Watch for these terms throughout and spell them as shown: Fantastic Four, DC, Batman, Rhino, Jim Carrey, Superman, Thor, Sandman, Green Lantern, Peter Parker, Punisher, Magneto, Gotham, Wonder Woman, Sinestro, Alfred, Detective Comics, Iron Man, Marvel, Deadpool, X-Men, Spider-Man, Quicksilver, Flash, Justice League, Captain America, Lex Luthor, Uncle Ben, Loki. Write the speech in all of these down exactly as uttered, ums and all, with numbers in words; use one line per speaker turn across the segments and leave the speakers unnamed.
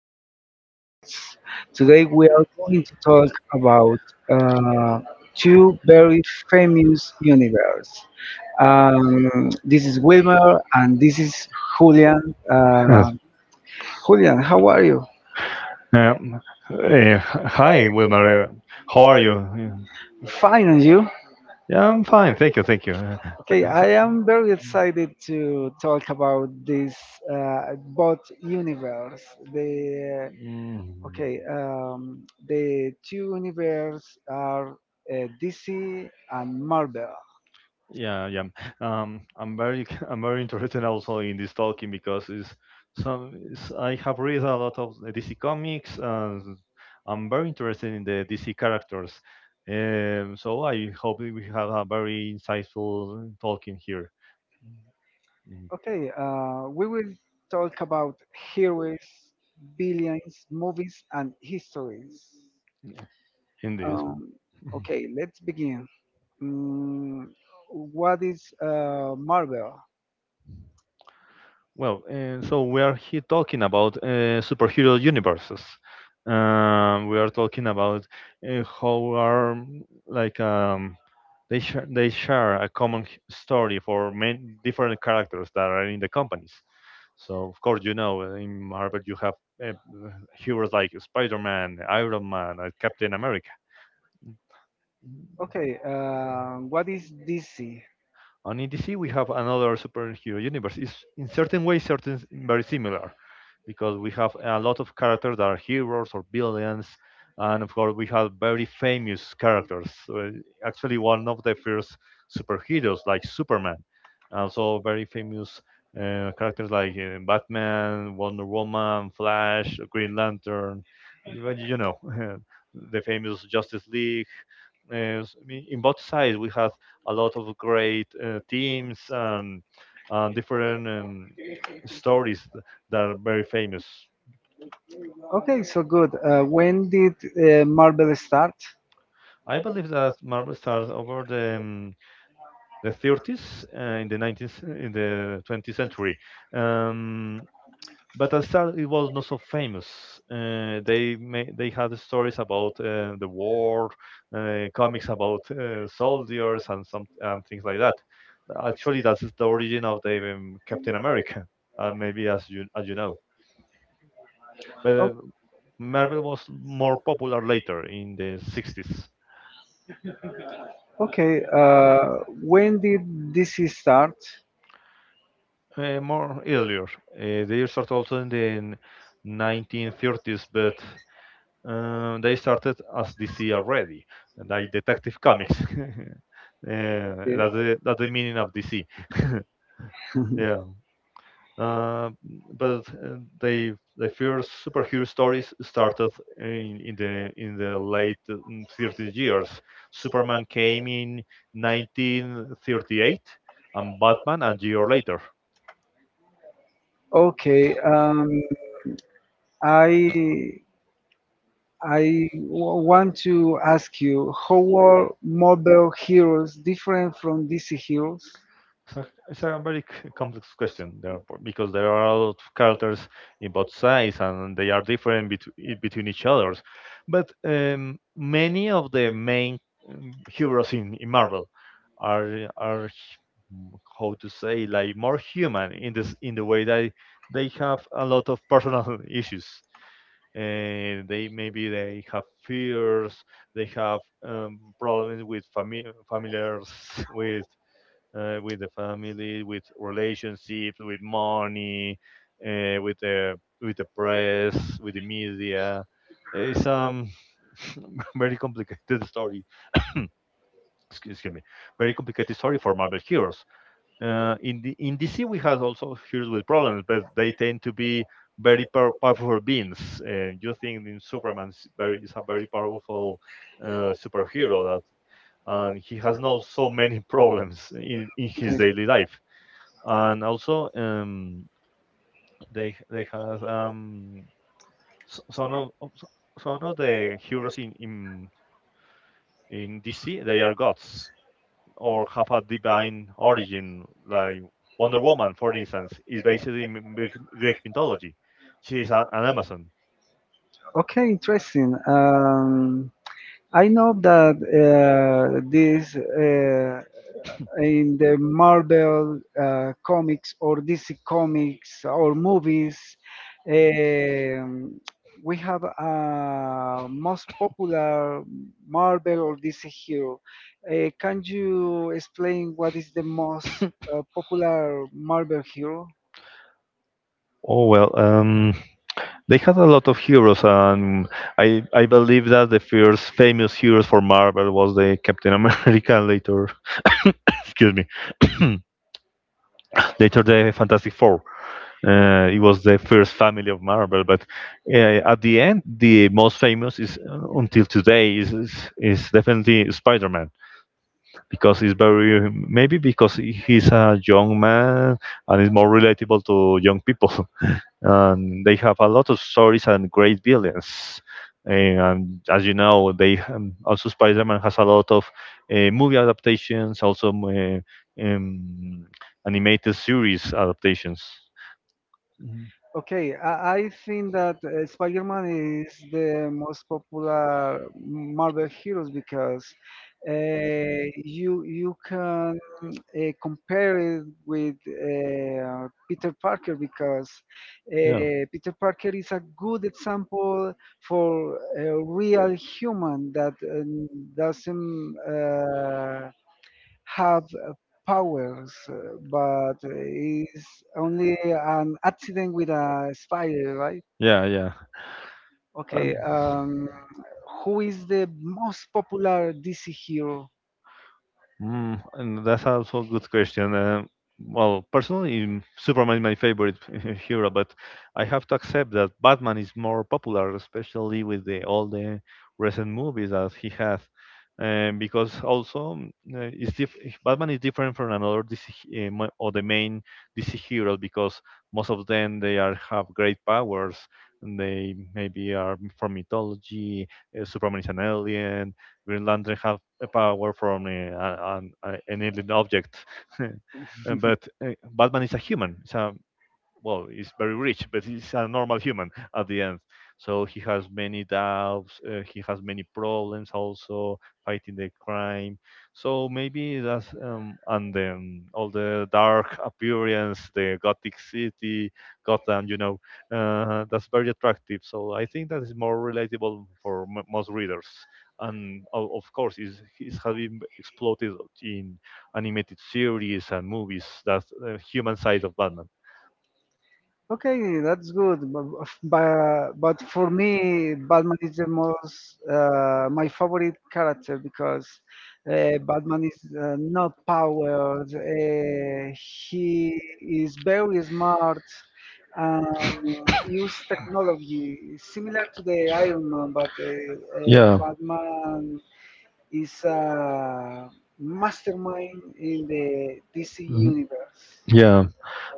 our podcast. Today, we are going to talk about uh, two very famous universe. Um, this is Wilmer and this is Julian. Uh,
Yes.
Julian, how are you?
Um, eh, Hi, Wilmer. uh, How are you? Yeah,
Fine, and you?
Yeah, I'm fine. Thank you. Thank you. Uh, th-
Okay, I
th-
am very excited to talk about this uh, bot universe. The
Mm.
Okay, um, The two universes are uh, D C and Marvel.
Yeah, yeah. Um, I'm very, I'm very interested also in this talking because it's some. It's, I have read a lot of the D C comics, and I'm very interested in the D C characters. Um, so I hope that we have a very insightful talking here. Mm,
Okay, uh, we will talk about heroes, villains, movies, and histories.
yeah, in this.
Um, okay, let's begin. Mm, what is uh, Marvel?
Well, and so we are here talking about uh, superhero universes. Um, we are talking about uh, how are mm, like um, they share they share a common h- story for many different characters that are in the companies. So of course you know uh, in Marvel you have uh, heroes like Spider-Man, Iron Man, uh, Captain America.
Okay, uh, what is D C?
And in D C we have another superhero universe. It's in certain ways certain very similar, because we have a lot of characters that are heroes or villains, and of course we have very famous characters. Uh, actually, one of the first superheroes like Superman, and so very famous uh, characters like uh, Batman, Wonder Woman, Flash, Green Lantern, you, you know, the famous Justice League. Uh, s- I mean, in both sides, we had a lot of great uh, teams and, and different um, stories that are very famous.
Okay, so good. Uh, when did uh, Marvel start?
I believe that Marvel started over the, um, the thirties uh, in the nineteenth in the twentieth century. Um, but at the start it was not so famous. Uh, they ma- they had stories about uh, the war, uh, comics about uh, soldiers and some and things like that. Actually, that's the origin of the um, Captain America, uh, maybe as you as you know. But uh, Marvel was more popular later in the sixties.
Okay, uh, when did this start?
Uh, more earlier. Uh, they start also in the nineteen thirties, but uh, they started as D C already, like Detective Comics. Uh,
Yeah.
that's the that's the meaning of D C. yeah, uh, but uh, they the first superhero stories started in, in the in the late thirties. Years. Superman came in nineteen thirty-eight, and Batman a year later.
Okay, um, I I w- want to ask you, how are Mobile Heroes different from D C Heroes?
It's a, it's a very c- complex question there, b- because there are a lot of characters in both sides and they are different between between each others. But um, many of the main um, heroes in, in Marvel are are h- m- how to say, like more human, in this in the way that they have a lot of personal issues. And they maybe they have fears, they have um, problems with fami- familiars, with uh, with the family, with relationships, with money, uh, with the with the press, with the media. It's um Very complicated story. Excuse me, very complicated story for Marvel heroes. Uh, in the in D C, we had also heroes with problems, but they tend to be very pow- powerful beings. Uh, you think in Superman, is very is a very powerful uh, superhero that, and he has not so many problems in, in his daily life. And also um, they they have um, s- some of of- so, some of the heroes in, in in D C they are gods or have a divine origin. Like Wonder Woman, for instance, is based in m- Greek Greek mythology. She is an, an Amazon.
Okay, interesting. Um, I know that uh, this uh, in the Marvel uh, comics or D C comics or movies, um, we have a most popular Marvel or D C hero. Uh, can you explain what is the most uh, popular Marvel hero?
Oh well, um, they had a lot of heroes, and I I believe that the first famous heroes for Marvel was the Captain America. Later, excuse me, later the Fantastic Four. Uh, it was the first family of Marvel, but uh, at the end, the most famous is uh, until today is is, is definitely Spider-Man, because he's very maybe because he's a young man and is more relatable to young people, and they have a lot of stories and great villains. Eh, And as you know, they um, also Spider-Man has a lot of uh, movie adaptations, also uh, um, animated series adaptations. Mhm.
Okay, I, I think that uh, Spider-Man is the most popular Marvel heroes because uh, you you can uh, compare it with uh, Peter Parker because
Yeah.
uh, Peter Parker is a good example for a real human that uh, doesn't uh, have uh, powers, uh, but uh, is only an accident with a spider, right?
Yeah, yeah.
Okay,
And
um, who is the most popular D C hero?
Um, Mm, and that's also a good question. Uh, well, personally, mm, Superman is my favorite hero, but I have to accept that Batman is more popular, especially with the, all the recent movies that he has. Um, because also, mm, uh, it's diff- Batman is different from another D C, he- uh, mo- or the main D C heroes, because most of them they are have great powers and they maybe are from mythology. Uh, Superman is an alien, Greenlanders have a power from uh, an, an alien object, but uh, Batman is a human. It's a Well, he's very rich, but he's a normal human at the end. So he has many doubts. Uh, he has many problems also fighting the crime. So maybe that's um, and then all the dark appearance, the gothic city, Gotham. You know, uh, that's very attractive. So I think that is more relatable for m- most readers. And o- of course, is is having exploited in animated series and movies that uh, human side of Batman.
Okay, that's good. But, but for me, Batman is the most uh, my favorite character because uh, Batman is uh, not powered. Uh, he is very smart and use technology similar to the Iron Man, but uh, uh,
Yeah.
Batman is a mastermind in the D C
Mhm.
universe.
Yeah.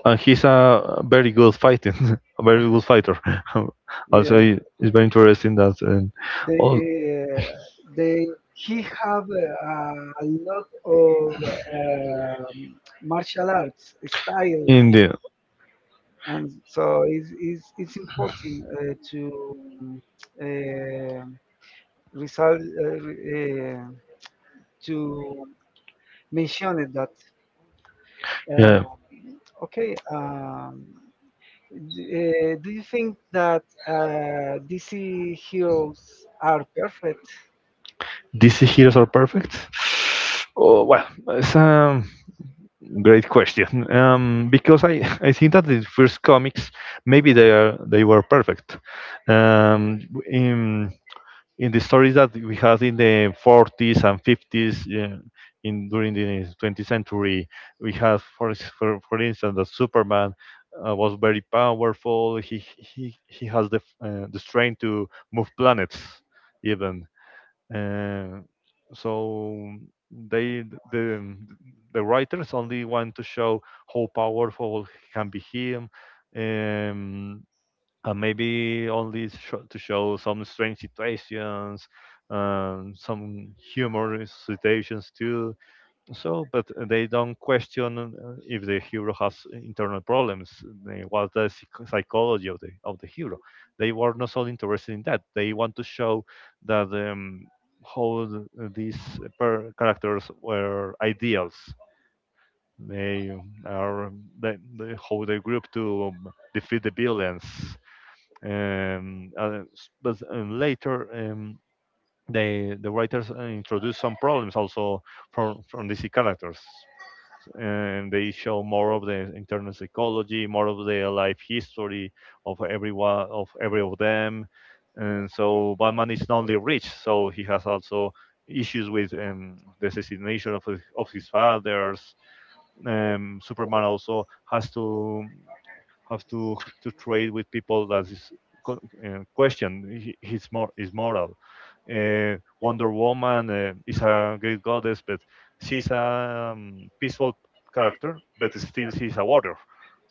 And he's a very good fighting, a very good fighter. Also,
Yeah.
i- it's very interesting that um,
They,
all
uh, they, he have uh, a lot of um martial arts styles,
in the
and so it's, it's, it's important uh, to um, uh, result uh, re- uh, to mention it that uh,
yeah,
okay. Um, d- uh, do you think that uh, D C heroes are perfect?
D C heroes are perfect. Oh, well, it's um, great question. Um, because I, I think that the first comics maybe they are they were perfect. Um, in in the stories that we had in the forties and fifties, yeah, in during the twentieth century, we had for ins- for, for instance that Superman uh, was very powerful. He he he has the f- uh, the strength to move planets even. Uh, so they the the writers only want to show how powerful can be him, um, and maybe only sho to show some strange situations, um, some humorous situations too. So but they don't question uh, if the hero has internal problems, uh, what's the psych- psychology of the of the hero. They were not so interested in that. They want to show that um, how th- these per- characters were ideals. They are they, they How they group to um, defeat the villains. Um, uh, s- but uh, Later um, they the writers uh, introduce some problems also from from D C characters, and they show more of the internal psychology, more of their life history of everyone of every of them. And so Batman is not only rich, so he has also issues with um, the assassination of his, of his fathers. Um, Superman also has to have to to trade with people that is co- uh, question his mor his moral. Uh, Wonder Woman uh, is a great goddess, but she's a um, peaceful character, but still she's a warrior.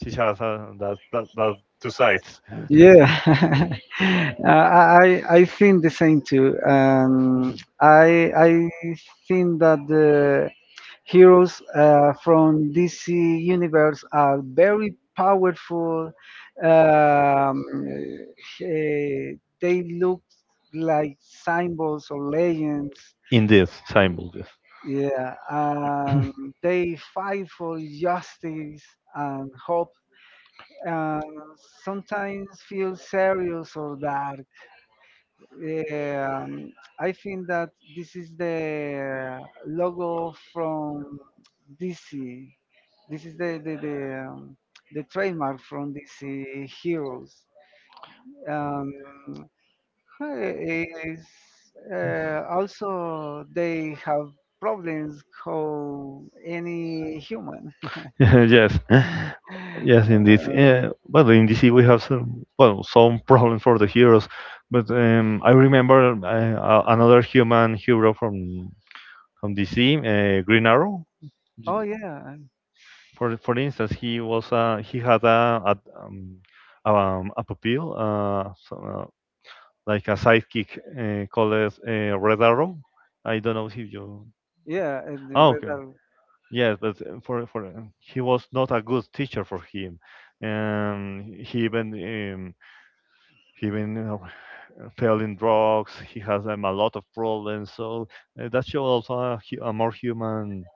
She has uh, that, that that two sides.
Yeah, uh, I I I think the same too. Um,
in
I I think that the heroes uh, from D C universe are very powerful. Um, eh, they look like symbols or legends.
this Seinfeld. Yes.
Yeah, um, they fight for justice and hope, and sometimes feel serious or dark. Um, I think that this is the logo from D C. This is the the the, um, the trademark from D C Heroes. Um, eh, is uh, also they have problems how any human.
Yes. Yes, indeed.
Uh,
Uh, but in D C we have some, well, some problems for the heroes, but um, I remember uh, another human hero from on D C, uh, Green Arrow.
oh yeah,
For for instance, he was uh, he had a a, um, um, a pupil, uh, so, uh, like a sidekick uh, called uh, Red Arrow. I don't know if you.
yeah, and the
Oh,
red
okay.
are,
Yes, but uh, for for uh, he was not a good teacher for him. Um, he even um, he even uh, fell in drugs. He has um, a lot of problems. So uh, that shows also a, a more human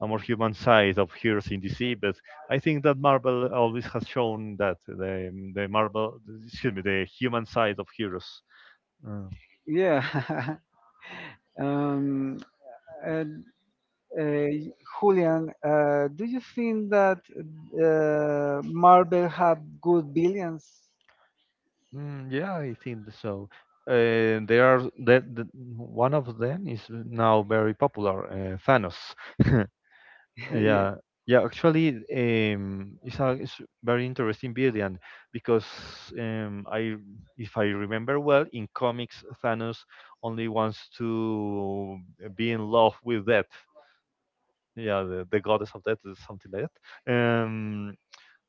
a more human side of heroes in D C. But I think that Marvel always has shown that the the Marvel, excuse me, the human side of heroes. Uh,
yeah. um, uh, Uh, Julian, uh, do you think that uh, Marvel have good villains?
mm, yeah, I think so. Uh, there are that the, One of them is now very popular, uh, Thanos.
Yeah.
Yeah, yeah. Actually, um, it's a it's very interesting variant because um, I, if I remember well, in comics Thanos only wants to eh, be in love with death. Yeah, the, the goddess of death is something like that,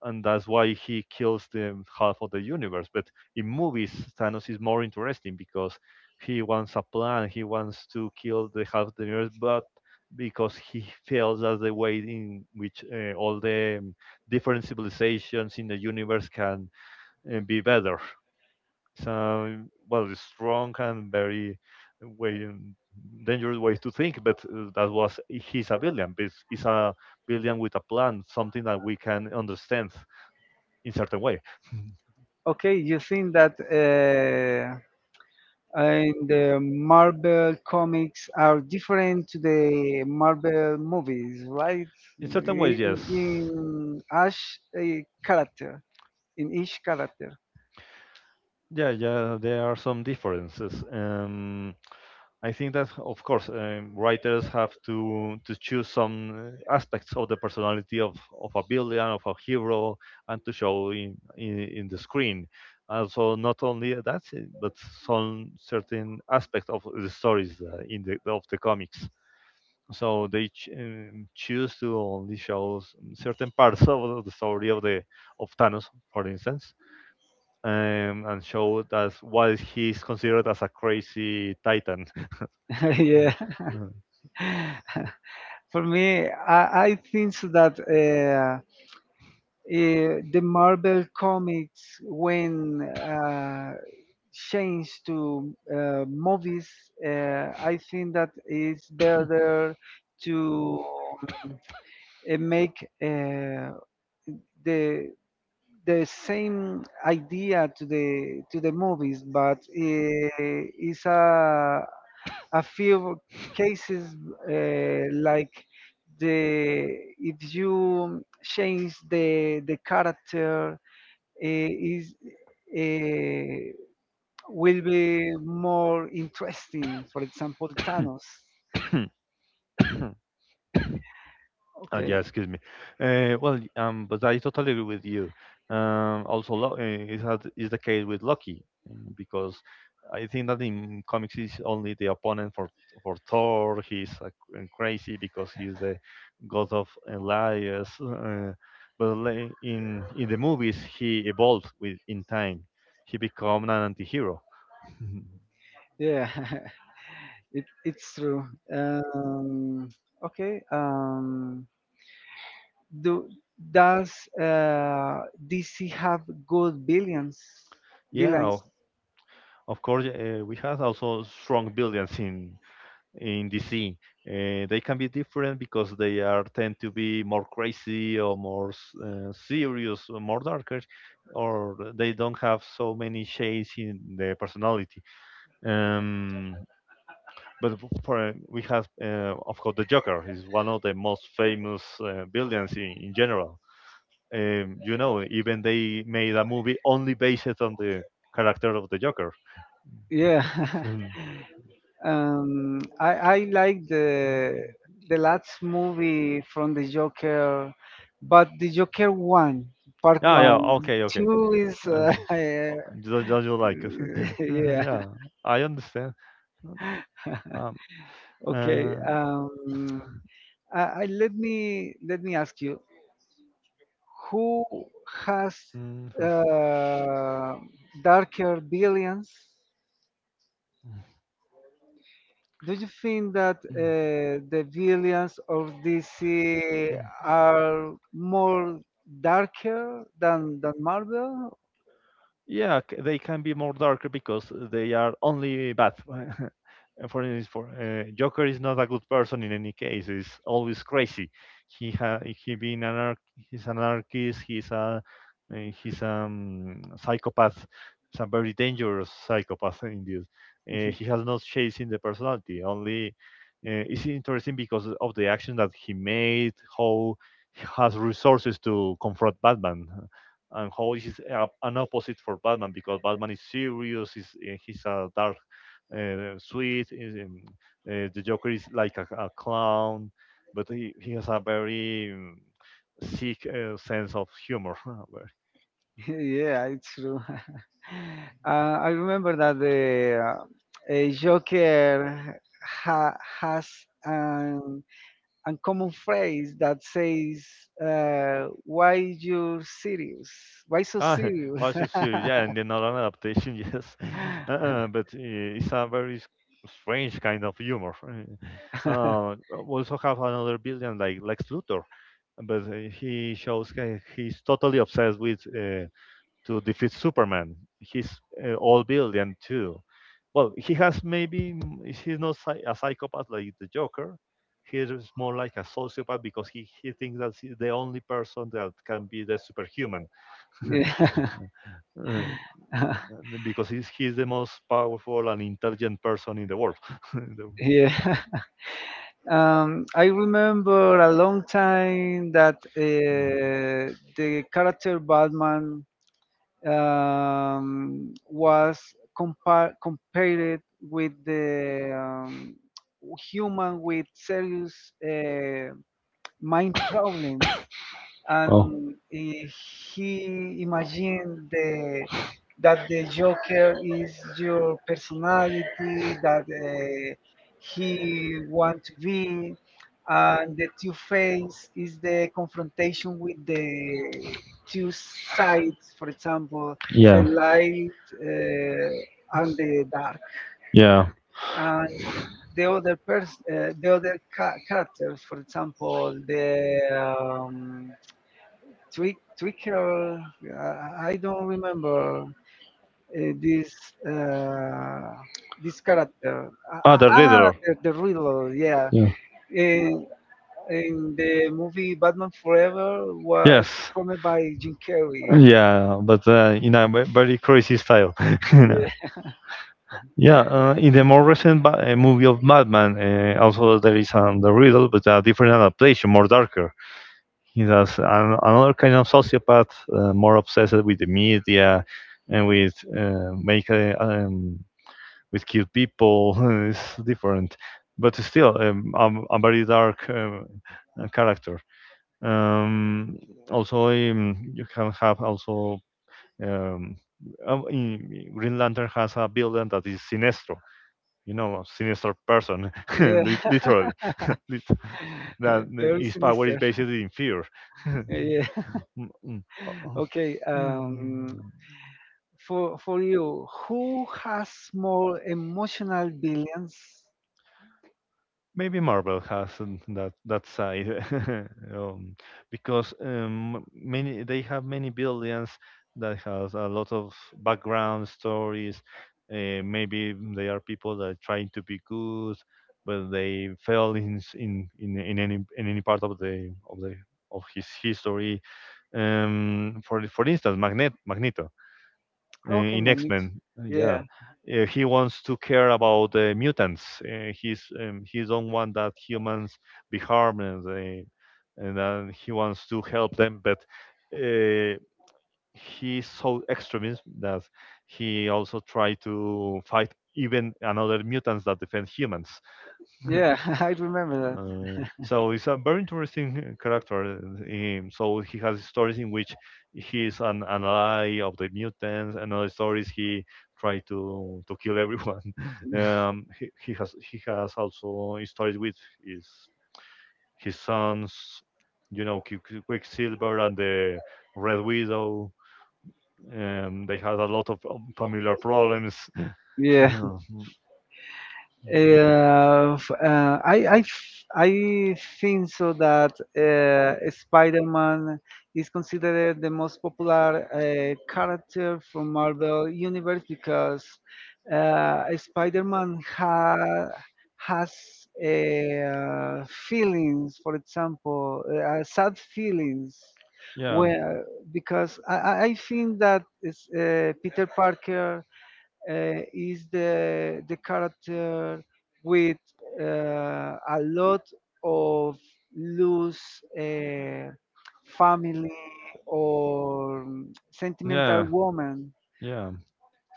and that's why he kills the half of the universe. But in movies, Thanos is more interesting because he wants a plan, he wants to kill the half of the universe, but because he feels that's the way in which uh, all the um, different civilizations in the universe can uh, be better. So, well, it's strong and very uh, way um, dangerous way to think, but uh, that was he's a villain. But he's a villain with a plan, something that we can understand in certain way.
Okay, you think that uh, in the Marvel comics are different to the Marvel movies, right?
In
In
certain
certain ways,
ways, yes.
in yes. in each uh, character, in each character.
Yeah, yeah, there are some differences. Um, I think that, of course, um, writers have to to choose some uh, aspects of the personality of, of a villain, of a hero, and to show in, in, in the screen. Also, not only that, but some certain aspect of the stories uh, in the of the comics. so they ch- um, choose to only show s- certain parts of the story of the of Thanos, for instance, um, and show as what is- he is considered as a crazy titan.
Yeah. For me, I, I think so that. Uh, eh, the Marvel comics when uh, changed to uh, movies, uh, I think that it's better to uh, make uh, the the same idea to the to the movies, but uh, it's a a few cases uh, like the if you change the the character eh, is eh, will be more interesting. For example, Thanos.
Uh,
Okay.
yeah, excuse me. Uh, well, um, but I totally agree with you. Um, also, lo- uh, it has, is the case with Loki mm, because I think that in comics he's only the opponent for for Thor. He's uh, c- crazy because he's the god of uh, liars. Uh, but la- in in the movies he evolved with in time. He became an anti-hero.
Yeah, it, it's true. Um, okay. Um, do does uh, D C have good billions?
Yeah,
Billions.
o- of course. Uh, we have also strong villains in in D C. Uh, they can be different because they are tend to be more crazy or more uh, serious or more darker, or they don't have so many shades in their personality. Um, but f- for, uh, we have, uh, of course, the Joker is one of the most famous uh, villains in, in general. Um, you know, even they made a movie only based on the character of the Joker.
Yeah. Um, I I like the the last movie from the Joker, but the Joker one, part
Yeah,
Ah,
yeah,
one,
okay, okay.
two is
Uh,
uh, I,
just, just you
uh,
like it.
yeah.
Yeah, I understand. Um,
Okay.
uh,
Um, I, I, let me let me ask you, who has
mm, yes.
uh, darker billions? Do you think that uh, the villains of D C
Mm.
are more darker than than Marvel?
Yeah, c- they can be more darker because they are only bad. For instance, for uh, Joker is not a good person in any case. He's always crazy. He ha- he being an anarch- he's an anarchist. He's a uh, he's a um, psychopath. He's a very dangerous psychopath indeed. Uh, he has no shades in the personality. Only uh, It's interesting because of the action that he made. How he has resources to confront Batman and how is a, an opposite for Batman because Batman is serious, he's, uh, he's a dark, uh, sweet. Is, um, uh, the Joker is like a, a clown, but he, he has a very um, sick uh, sense of humor. uh,
Yeah, it's true. uh, I remember that the uh, uh, Joker ha- has an uncommon phrase that says, uh, "Why you serious? Why so
Ah,
serious?"
also serious, yeah, and then not an adaptation, yes. Uh-uh, but uh, It's a very s- strange kind of humor. Uh, Also have another villain like Lex Luthor, but uh, he shows ki- he's totally obsessed with uh, to defeat Superman. He's uh, all billion too. Well, he has maybe mm, he's not psy- a psychopath like the Joker. He is more like a sociopath because he, he thinks that he's the only person that can be the superhuman
Yeah.
uh, because he's, he's the most powerful and intelligent person in the world. The-
Yeah. Um, I remember a long time that
Mm.
uh, the character Batman um, was compar compared with the um, human with serious uh, mind problems and
Oh,
he, he imagined the that the Joker is your personality that uh, he want to be, and the Two Face is the confrontation with the two sides, for example,
yeah,
the light uh, and the dark.
yeah.
And the other pers- uh, the other ca- characters, for example, the um, Trick Tricker. I I don't remember uh, this uh, this character. Ah,
Ah,
ah,
the
ah,
Riddler.
the, the Riddler. Yeah.
Yeah.
In, in the movie Batman Forever was
Yes.
performed by Jim Carrey.
Yeah, but uh, in a ve- very crazy style. You know.
Yeah.
Yeah, uh, in the more recent ba- uh, movie of Batman, uh, also there is um, the riddle, but a different adaptation, more darker. He does an, another kind of sociopath, uh, more obsessed with the media and with uh, make uh, um, with cute people. It's different, but still um, a, a very dark um, uh, character. Um, Also, um, you can have also um, uh, in, Green Lantern has a villain that is Sinestro. You know, a sinister person,
Yeah.
lit- literally. Lit- that uh,
Very
his power is
sinister.
basically in fear.
Yeah.
Mm, mm, uh, uh,
Okay.
mm.
Um, for for you, who has more emotional billions?
Maybe Marvel has um, that that side um, because um, many they have many villains that has a lot of background stories. Uh, maybe they are people that are trying to be good, but they fail in s- in, in in any in any part of the of the of his history. Um, for for instance, Magnet Magneto uh,
Okay,
in
my next.
X-Men. Uh, Yeah,
Yeah.
Uh, he wants to care about uh, mutants. Uh, he's um, he don't want that humans be harmed, and, they, and then he wants to help them. But uh, he's so extremist that he also try to fight even another mutants that defend humans.
Yeah. I remember
Uh, so it's a very interesting character. Um, so he has stories in which he is an ally of the mutants, and other stories he tried to to kill everyone.
that.
um, he, he has he has also stories with his his sons, you know, Qui- Qui- Quicksilver and the Red Widow. Um, they had a lot of um, familiar problems.
Yeah,
Uh,
uh, f- uh, I, I, f- I think so that uh, Spider-Man is considered the most popular uh, character from Marvel Universe because uh, Spider-Man ha has uh, feelings, for example, uh, sad feelings.
yeah,
Where because I, I I think that is, uh, Peter Parker uh, is the the character with uh, a lot of loose uh, family or mm, sentimental
yeah,
woman.
yeah.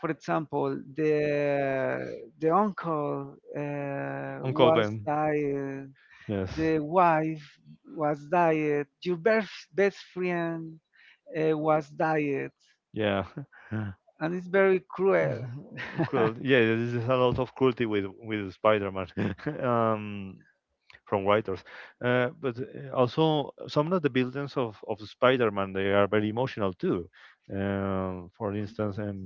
For example, the the uncle uh,
Uncle
was
Ben.
died,
Yes.
the wife was died, your best best friend uh, was died,
Yeah.
and it's very cruel.
Cool. Yeah, there's a lot of cruelty with with Spider-Man. Um, from writers. Uh, but uh, Also some of the buildings of, of Spider-Man they are very emotional too. Um, for instance, um,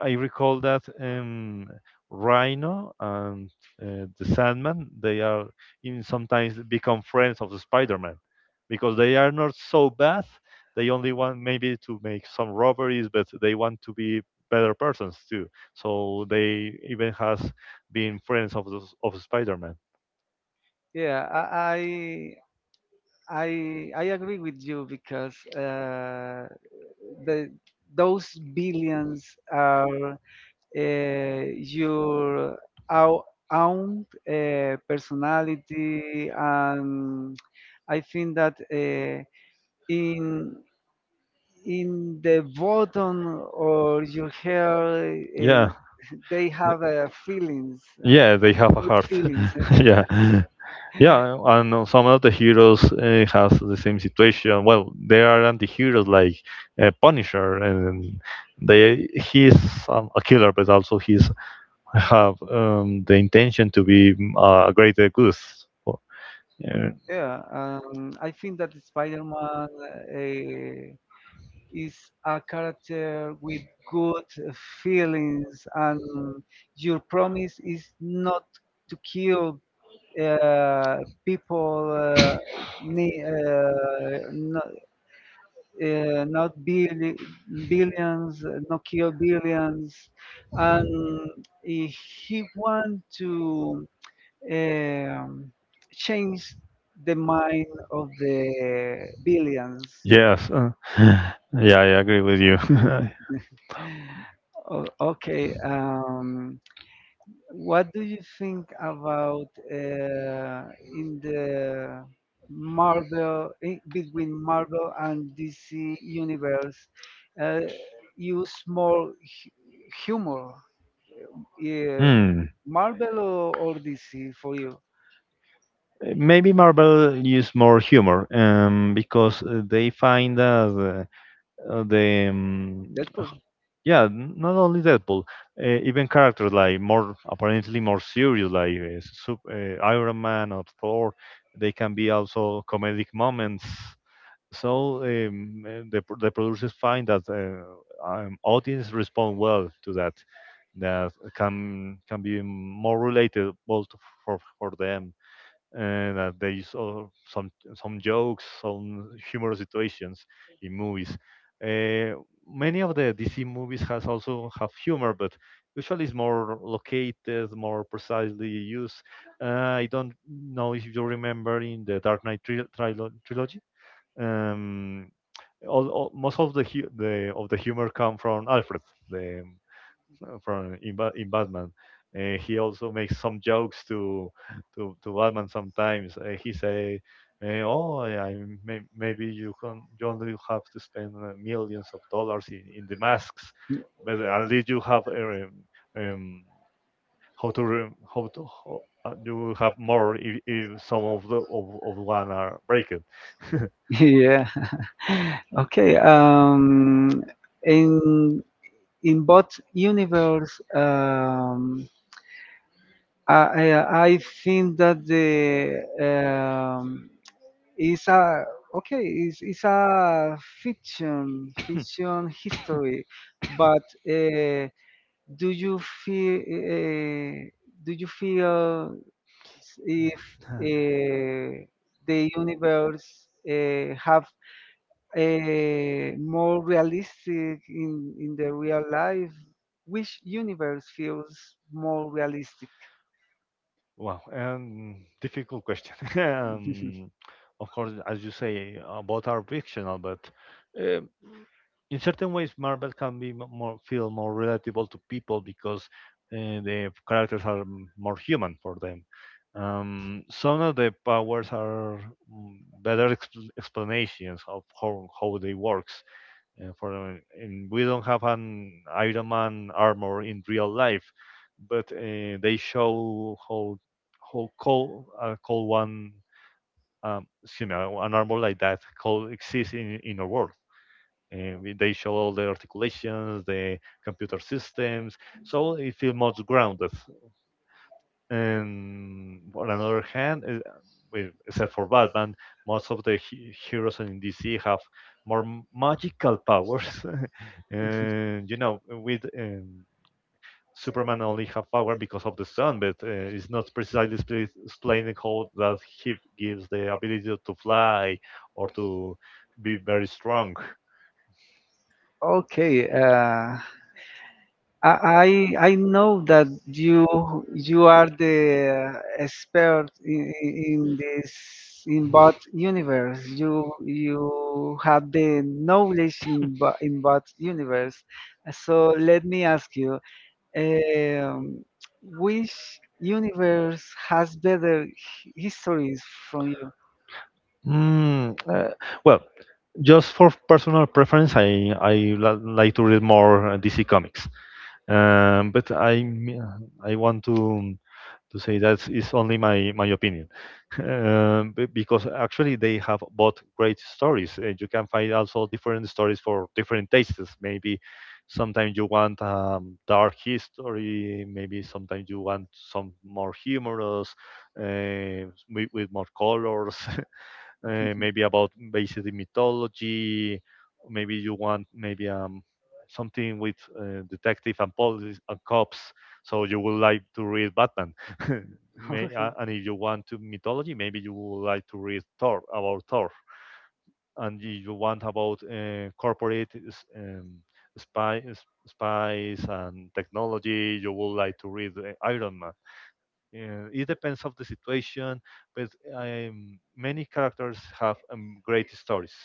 I I recall that um, Rhino and uh, the Sandman they are in sometimes become friends of the Spider-Man because they are not so bad. They only want maybe to make some robberies, but they want to be better persons too. So they even has been friends of the, of Spider-Man.
Yeah, I, I I agree with you because uh, the those billions are uh, your ou- own uh, personality, and I think that uh, in in the bottom or your hair,
Yeah.
uh, they have uh, feelings,
Yeah, they have a
good
heart.
feelings.
Yeah, yeah, and uh, some of the heroes uh, has the same situation. Well, there are anti-heroes like uh, Punisher, and they he's um, a killer, but also he's have um, the intention to be mm, a greater good. Well, yeah,
Yeah, um, I think that Spider-Man. Uh, is a character with good feelings, and your promise is not to kill uh, people, uh, ni- uh, not, uh, not billi- billions, uh, not kill billions, and if he want to um, change the mind of the billions.
Yes, uh, yeah, I agree with you.
O- okay. Um, What do you think about uh, in the Marvel i- between Marvel and D C universe uh, use more hu- humor? Yeah.
Hmm.
Marvel or, or D C for you?
Maybe Marvel use more humor, um, because uh, they find that uh, uh, the um,
Deadpool.
yeah, n- not only deadpool uh, even characters like more apparently more serious like uh, Sup- uh, iron man or thor they can be also comedic moments so um, uh, the, pro- the producers find that uh, um, audience respond well to that that can can be more relatable to, for for them and uh, they saw some some jokes, some humorous situations in movies. Uh, Many of the D C movies has also have humor, but usually it's more located, more precisely used. Uh, I don't know if you remember in the Dark Knight tril trilo trilogy. Um, all, all, Most of the hu- the of the humor come from Alfred, the uh, from in, Ba- in Batman. Uh, he also makes some jokes to to, to Batman sometimes. Uh, he say, uh, "Oh, I, I may, maybe you can you only have to spend uh, millions of dollars in, in the masks, but at least you have um, um, how to re- how to how, uh, you have more if, if some of the of, of one are breaking."
Yeah. Okay. Um, in in both universe, um, I I I think that the um, It's a okay. It's it's a fiction fiction history, but uh, do you feel uh, do you feel s- if uh, the universe uh, have uh, more realistic in in the real life? Which universe feels more realistic?
Wow, um, difficult question. um, of course, as you say, uh, both are fictional, but um in certain ways, Marvel can be m- more feel more relatable to people because uh, the characters are m- more human for them. Um, some of the powers are mm, better expl- explanations of how how they work. Uh, for uh, And we don't have an Iron Man armor in real life, but uh, they show how how cold uh, cold one um, excuse me uh, an armor like that cold exists in in our world. And we- they show all the articulations, the computer systems, so it feels much grounded. And on another hand, eh, with, except for Batman, most of the he- heroes in D C have more m- magical powers. And you know, with um, Superman only have power because of the sun, but uh, it's not precisely spli- explaining how that he gives the ability to fly or to be very strong.
Okay. Uh, I I I know that you you are the expert in, in this in both universe. You you have the knowledge in bo- in both universe. So let me ask you, um, which universe has better h- histories from you?
Mm, uh, well, just for personal preference, I I la- like to read more uh, D C comics. Um, but I I want to to say that is only my my opinion, um, be- because actually they have both great stories. Uh, you can find also different stories for different tastes. Maybe sometimes you want um, dark history. Maybe sometimes you want some more humorous, uh, with, with more colors. Uh, maybe about basic mythology. Maybe you want maybe um, something with uh, detective and police and cops. So you would like to read Batman.
Okay.
May, uh, and if you want to mythology, maybe you would like to read Thor about Thor. And if you want about uh, corporate um, spy, spies and technology, you would like to read uh, Iron Man. Uh, it depends of the situation, but um, many characters have um, great stories.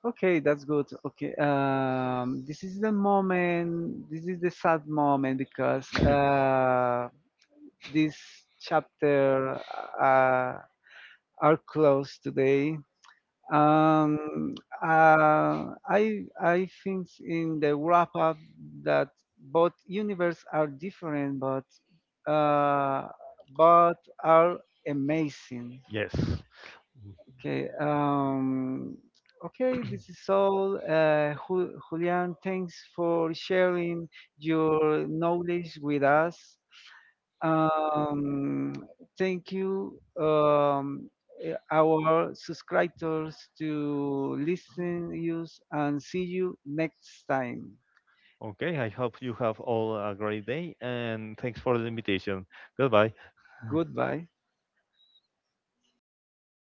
Okay, that's good. Okay, um, this is the moment. This is the sad moment because uh, this chapter uh, are closed today. Um, uh, I I think in the wrap up that both universes are different, but uh, but are amazing.
Yes. Mm.
Okay. Um, okay. This is all. Uh, Ju- Julian, thanks for sharing your knowledge with us. Um, Thank you, um, eh, our subscribers, to listen, use, and see you next time.
Okay, I hope you have all a great day and thanks for the invitation. Goodbye.
Goodbye.